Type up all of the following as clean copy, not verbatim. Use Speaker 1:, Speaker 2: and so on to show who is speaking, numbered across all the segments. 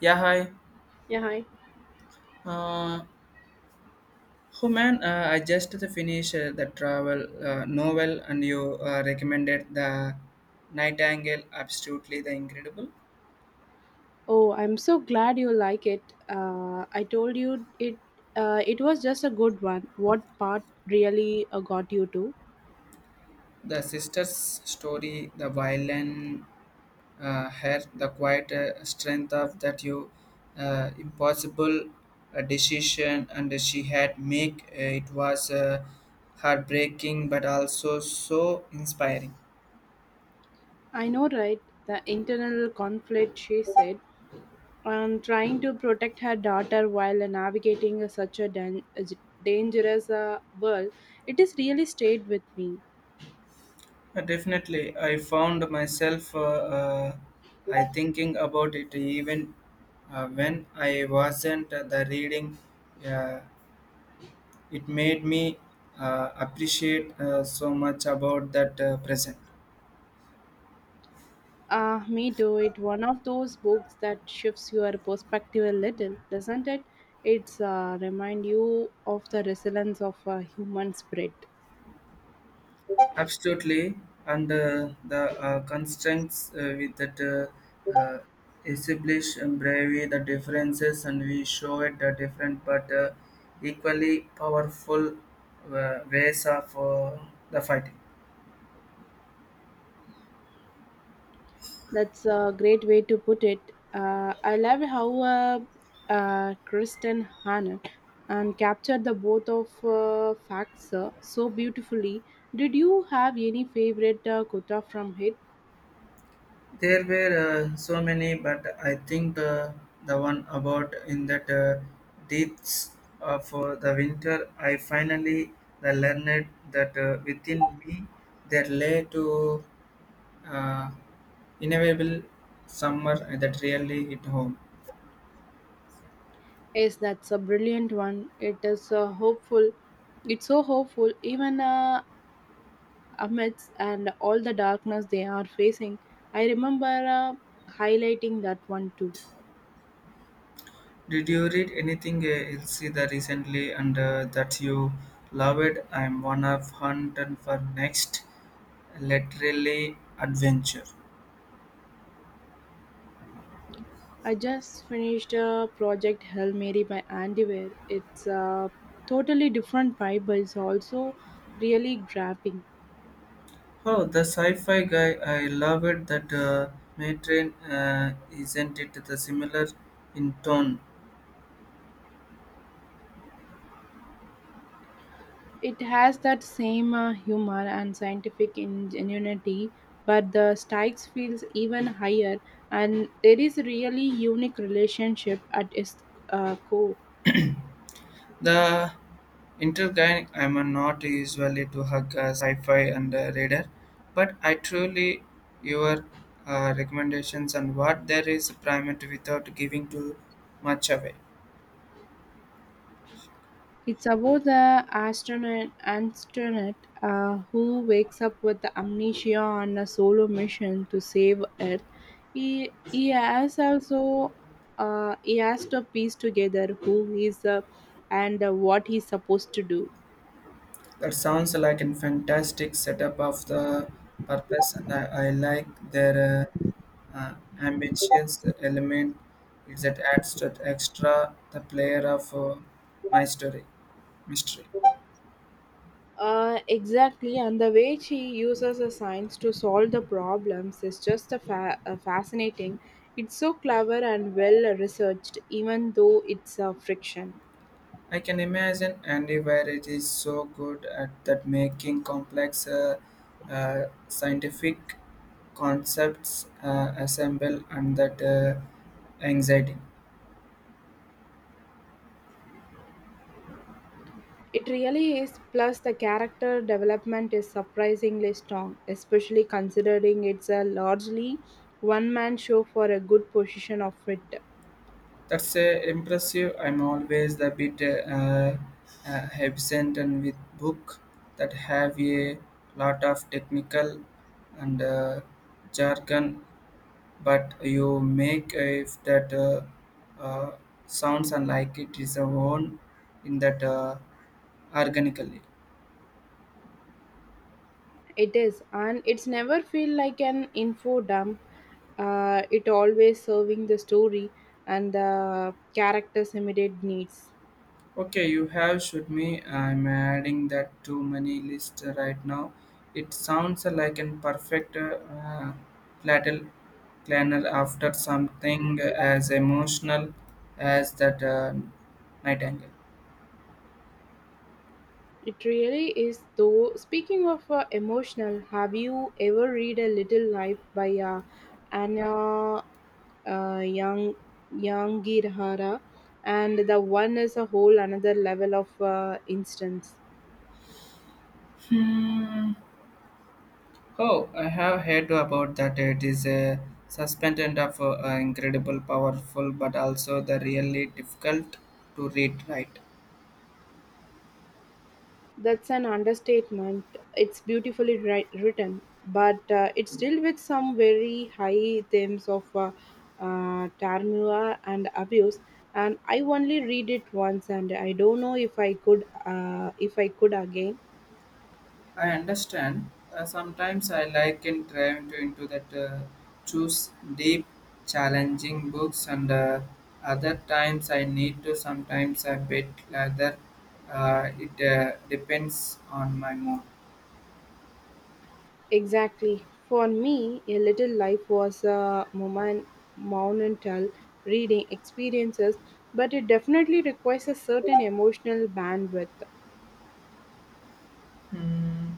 Speaker 1: Yeah, hi.
Speaker 2: Yeah, hi.
Speaker 1: Uh, oh man, I just finished the travel novel, and you recommended the Nightingale. Absolutely, the incredible.
Speaker 2: Oh, I'm so glad you like it. I told you it. It was just a good one. What part really got you to?
Speaker 1: The sister's story, the violin, her the quiet strength of that you impossible decision, and she had make. It was heartbreaking, but also so inspiring.
Speaker 2: I know, right? The internal conflict. She said, on trying to protect her daughter while navigating such a dangerous world. It has really stayed with me.
Speaker 1: Definitely, I found myself I thinking about it even when I wasn't the reading. Uh, it made me appreciate so much about that present.
Speaker 2: Ah, me too. It one of those books that shifts your perspective a little, doesn't it? It's remind you of the resilience of a human spirit.
Speaker 1: Absolutely, and the constraints with that establish and bravery, the differences, and we show it the different but equally powerful ways of the fighting.
Speaker 2: That's a great way to put it. I love how Kristen Hanna and captured the both of facts so beautifully. Did you have any favorite quota from it?
Speaker 1: There were so many, but I think the one about in that depths of the winter, I finally the learned that within me there lay to uh, inevitable summer that really hit home.
Speaker 2: Yes, that's a brilliant one. It is hopeful. It's so hopeful. Even amidst and all the darkness they are facing. I remember highlighting that one too.
Speaker 1: Did you read anything else either recently and that you loved? I'm one of hunt and for next literally adventure.
Speaker 2: I just finished Project Hail Mary by Andy Weir. It's a totally different vibe, but it's also really grabbing.
Speaker 1: Oh, the sci-fi guy! I love it. That Matron isn't it the similar in tone?
Speaker 2: It has that same humor and scientific ingenuity, but the stakes feels even higher, and there is a really unique relationship at its core.
Speaker 1: The intergang. I'm a not usually to hug a sci-fi and a reader, but I truly your recommendations and what there is primate without giving too much away.
Speaker 2: It's about the astronaut who wakes up with amnesia on a solo mission to save Earth. He has also he has to piece together who he is and what he's supposed to do.
Speaker 1: That sounds like a fantastic setup of the purpose, and I like their uh, ambitious element is that adds to the extra the player of my story mystery.
Speaker 2: Exactly, and the way she uses the science to solve the problems is just a fascinating. It's so clever and well researched, even though it's a friction.
Speaker 1: I can imagine Andy Warhol is so good at that making complex scientific concepts assemble and that anxiety.
Speaker 2: It really is. Plus, the character development is surprisingly strong, especially considering it's a largely one man show for a good portion of it.
Speaker 1: That's impressive. I'm always a bit absent and with book that have a lot of technical and jargon, but you make if that uh, sounds unlike it is a own in that organically.
Speaker 2: It is, and it's never feel like an info dump. It always serving the story and the character's immediate needs.
Speaker 1: Okay, you have should me. I'm adding that to many list right now. It sounds like a perfect platter planner after something as emotional as that night angle.
Speaker 2: It really is, though. Speaking of emotional, have you ever read A Little Life by Anna Yang Yangirhara, and the one is a whole another level of instance.
Speaker 1: Hmm. Oh, I have heard about that. It is a suspended of incredible, powerful, but also the really difficult to read. Right.
Speaker 2: That's an understatement. It's beautifully written, but it's still with some very high themes of turmoil and abuse. And I only read it once, and I don't know if I could again.
Speaker 1: I understand. Sometimes I like and trying to into that choose deep, challenging books, and other times I need to. Sometimes I bet rather. It depends on my mood.
Speaker 2: Exactly. For me, A Little Life was a moment, monumental reading experiences, but it definitely requires a certain emotional bandwidth.
Speaker 1: Hmm.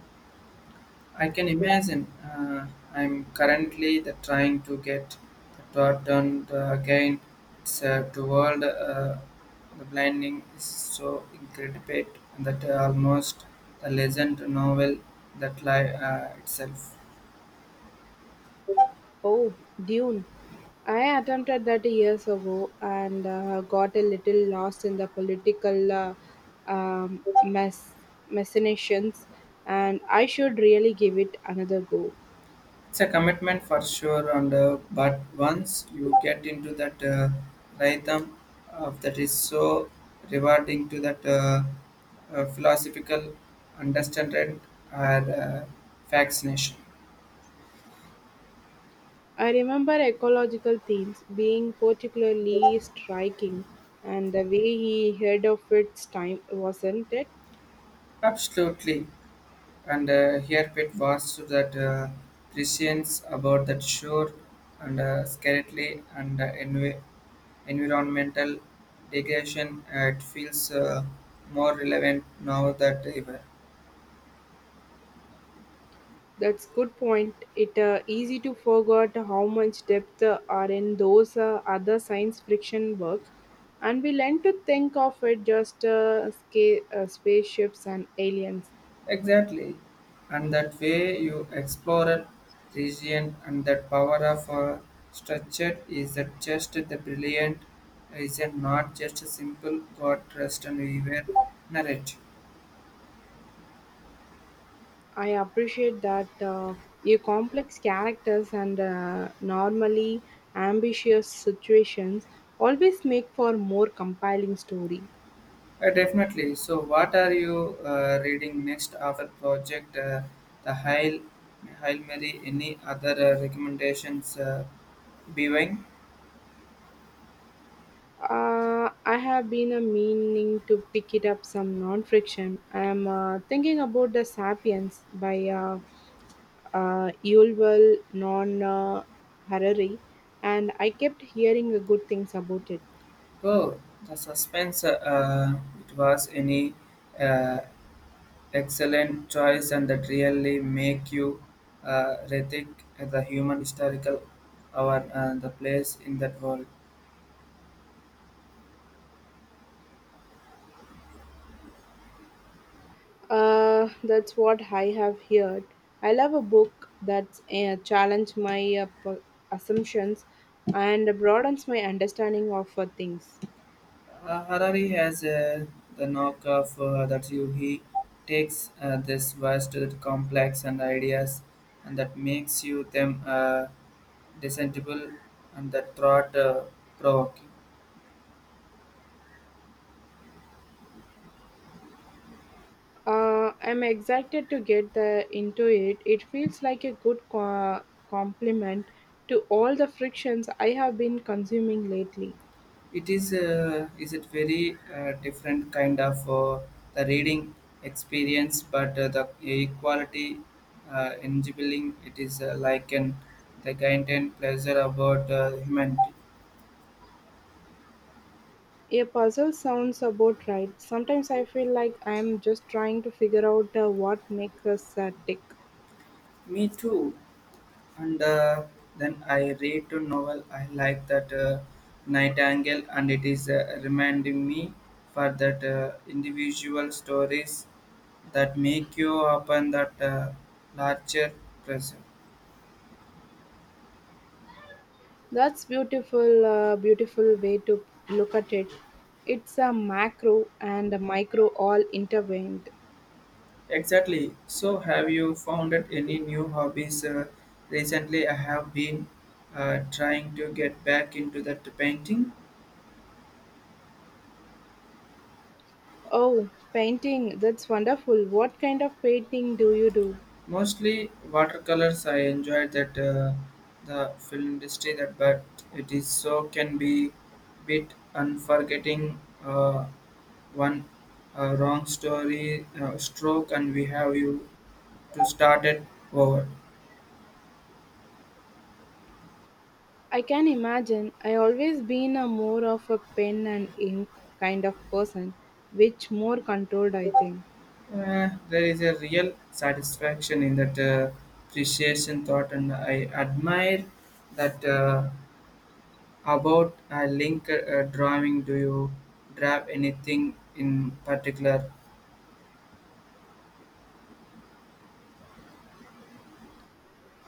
Speaker 1: I can imagine. I'm currently the, trying to get the plot done again. It's the world, the blinding is so incredible that almost the legend novel that lie itself.
Speaker 2: Oh, Dune. I attempted that years ago and got a little lost in the political mess, machinations, and I should really give it another go.
Speaker 1: It's a commitment for sure, and but once you get into that rhythm, that is so rewarding to that philosophical understanding and fascination.
Speaker 2: I remember ecological themes being particularly striking, and the way he heard of its time, wasn't it?
Speaker 1: Absolutely, and here Pit was to that prescience about that shore and scarcely and envi- environmental degradation. It feels more relevant now that ever.
Speaker 2: That's good point. It easy to forget how much depth are in those other science friction works, and we learn to think of it just spaceships and aliens.
Speaker 1: Exactly. And that way you explore a region and that power of a structure is that just the brilliant is it not just a simple God trust and we were narrative.
Speaker 2: I appreciate that a complex characters and normally ambitious situations always make for more compelling story.
Speaker 1: Definitely. So what are you reading next after project the Hail Mary any other recommendations being?
Speaker 2: I have been a meaning to pick it up some non-fiction. I am thinking about the *Sapiens* by Yuval Non Harari, and I kept hearing good things about it.
Speaker 1: Oh the suspense it was any uh, Excellent choice, and that really make you rethink the human historical our the place in that world.
Speaker 2: That's what I have heard. I love a book that challenges my assumptions and broadens my understanding of things.
Speaker 1: Harari has the knock of that you he takes this vast complex and ideas, and that makes you them discernible and that thought provoking.
Speaker 2: I'm excited to get the, into it. It feels like a good complement to all the frictions I have been consuming lately.
Speaker 1: It is it very different kind of the reading experience, but the equality enabling it is like an the content pleasure about humanity.
Speaker 2: A puzzle sounds about right. Sometimes I feel like I'm just trying to figure out what makes us tick.
Speaker 1: Me too. And then I read a novel. I like that Nightingale, and it is reminding me for that individual stories that make you open that larger present.
Speaker 2: That's beautiful, beautiful way to look at it. It's a macro and a micro all intervened.
Speaker 1: Exactly. So, have you found out any new hobbies? Recently, I have been trying to get back into that painting.
Speaker 2: Oh, painting, that's wonderful. What kind of painting do you do?
Speaker 1: Mostly watercolors. I enjoyed that the film industry that, but it is so can be bit unforgetting. One wrong story stroke, and we have you to start it over.
Speaker 2: I can imagine. I always been a more of a pen and ink kind of person, which more controlled I think.
Speaker 1: There is a real satisfaction in that appreciation thought, and I admire that about a link drawing. Do you draw anything in particular?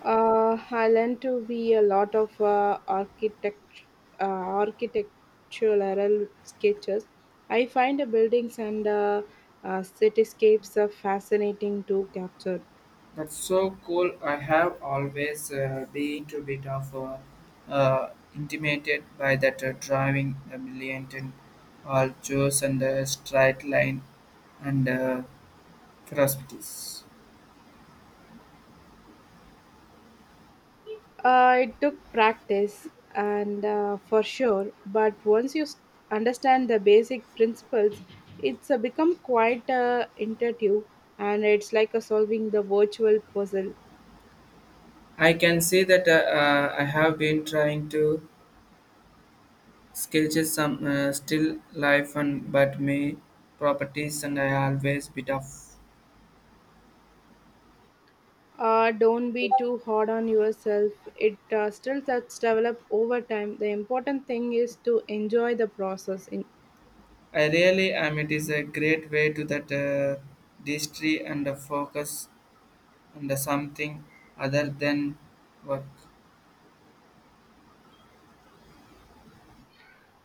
Speaker 2: I learned to be a lot of architect, uh, architectural sketches. I find the buildings and cityscapes are fascinating to capture.
Speaker 1: That's so cool. I have always been to a bit of intimidated by that drawing the million and all choice and the straight line and philosophies.
Speaker 2: It took practice, and for sure, but once understand the basic principles, it's become quite intuitive, and it's like a solving the virtual puzzle.
Speaker 1: I can say that I have been trying to sketch some still life and but my properties and I always bit of.
Speaker 2: Don't be too hard on yourself. It still that's develop over time. The important thing is to enjoy the process. In
Speaker 1: I really am. It is a great way to that distry and focus on the something other than work.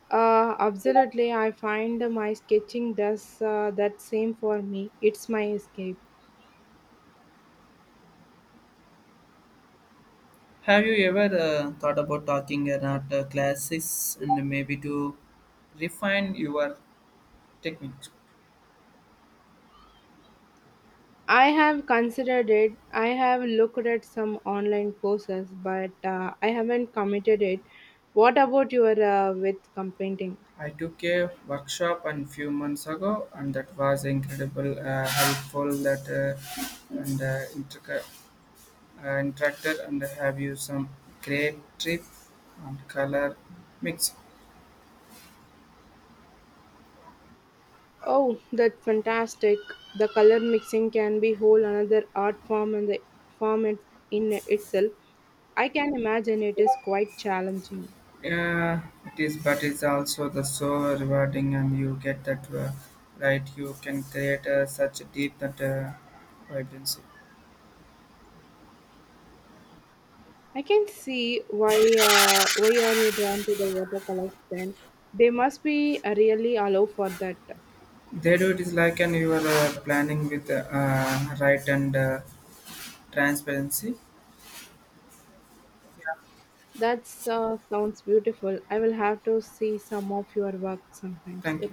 Speaker 2: absolutely, I find my sketching does that same for me. It's my escape.
Speaker 1: Have you ever thought about talking about classes and maybe to refine your technique?
Speaker 2: I have considered it. I have looked at some online courses, but I haven't committed it. What about your with competing?
Speaker 1: I took a workshop a few months ago, and that was incredible, helpful that and interacted and have you some great trip and color mix.
Speaker 2: Oh, that's fantastic. The color mixing can be whole another art form and the form it, in itself. I can imagine it is quite challenging.
Speaker 1: Uh, it is, but it's also the so rewarding, and you get that right. You can create such a deep that vibrancy.
Speaker 2: I can see why are you drawn to the watercolors then? They must be really allow for that.
Speaker 1: They do it is like an you are planning with right and transparency.
Speaker 2: That sounds beautiful. I will have to see some of your work sometimes.
Speaker 1: Thank
Speaker 2: Yeah,
Speaker 1: you.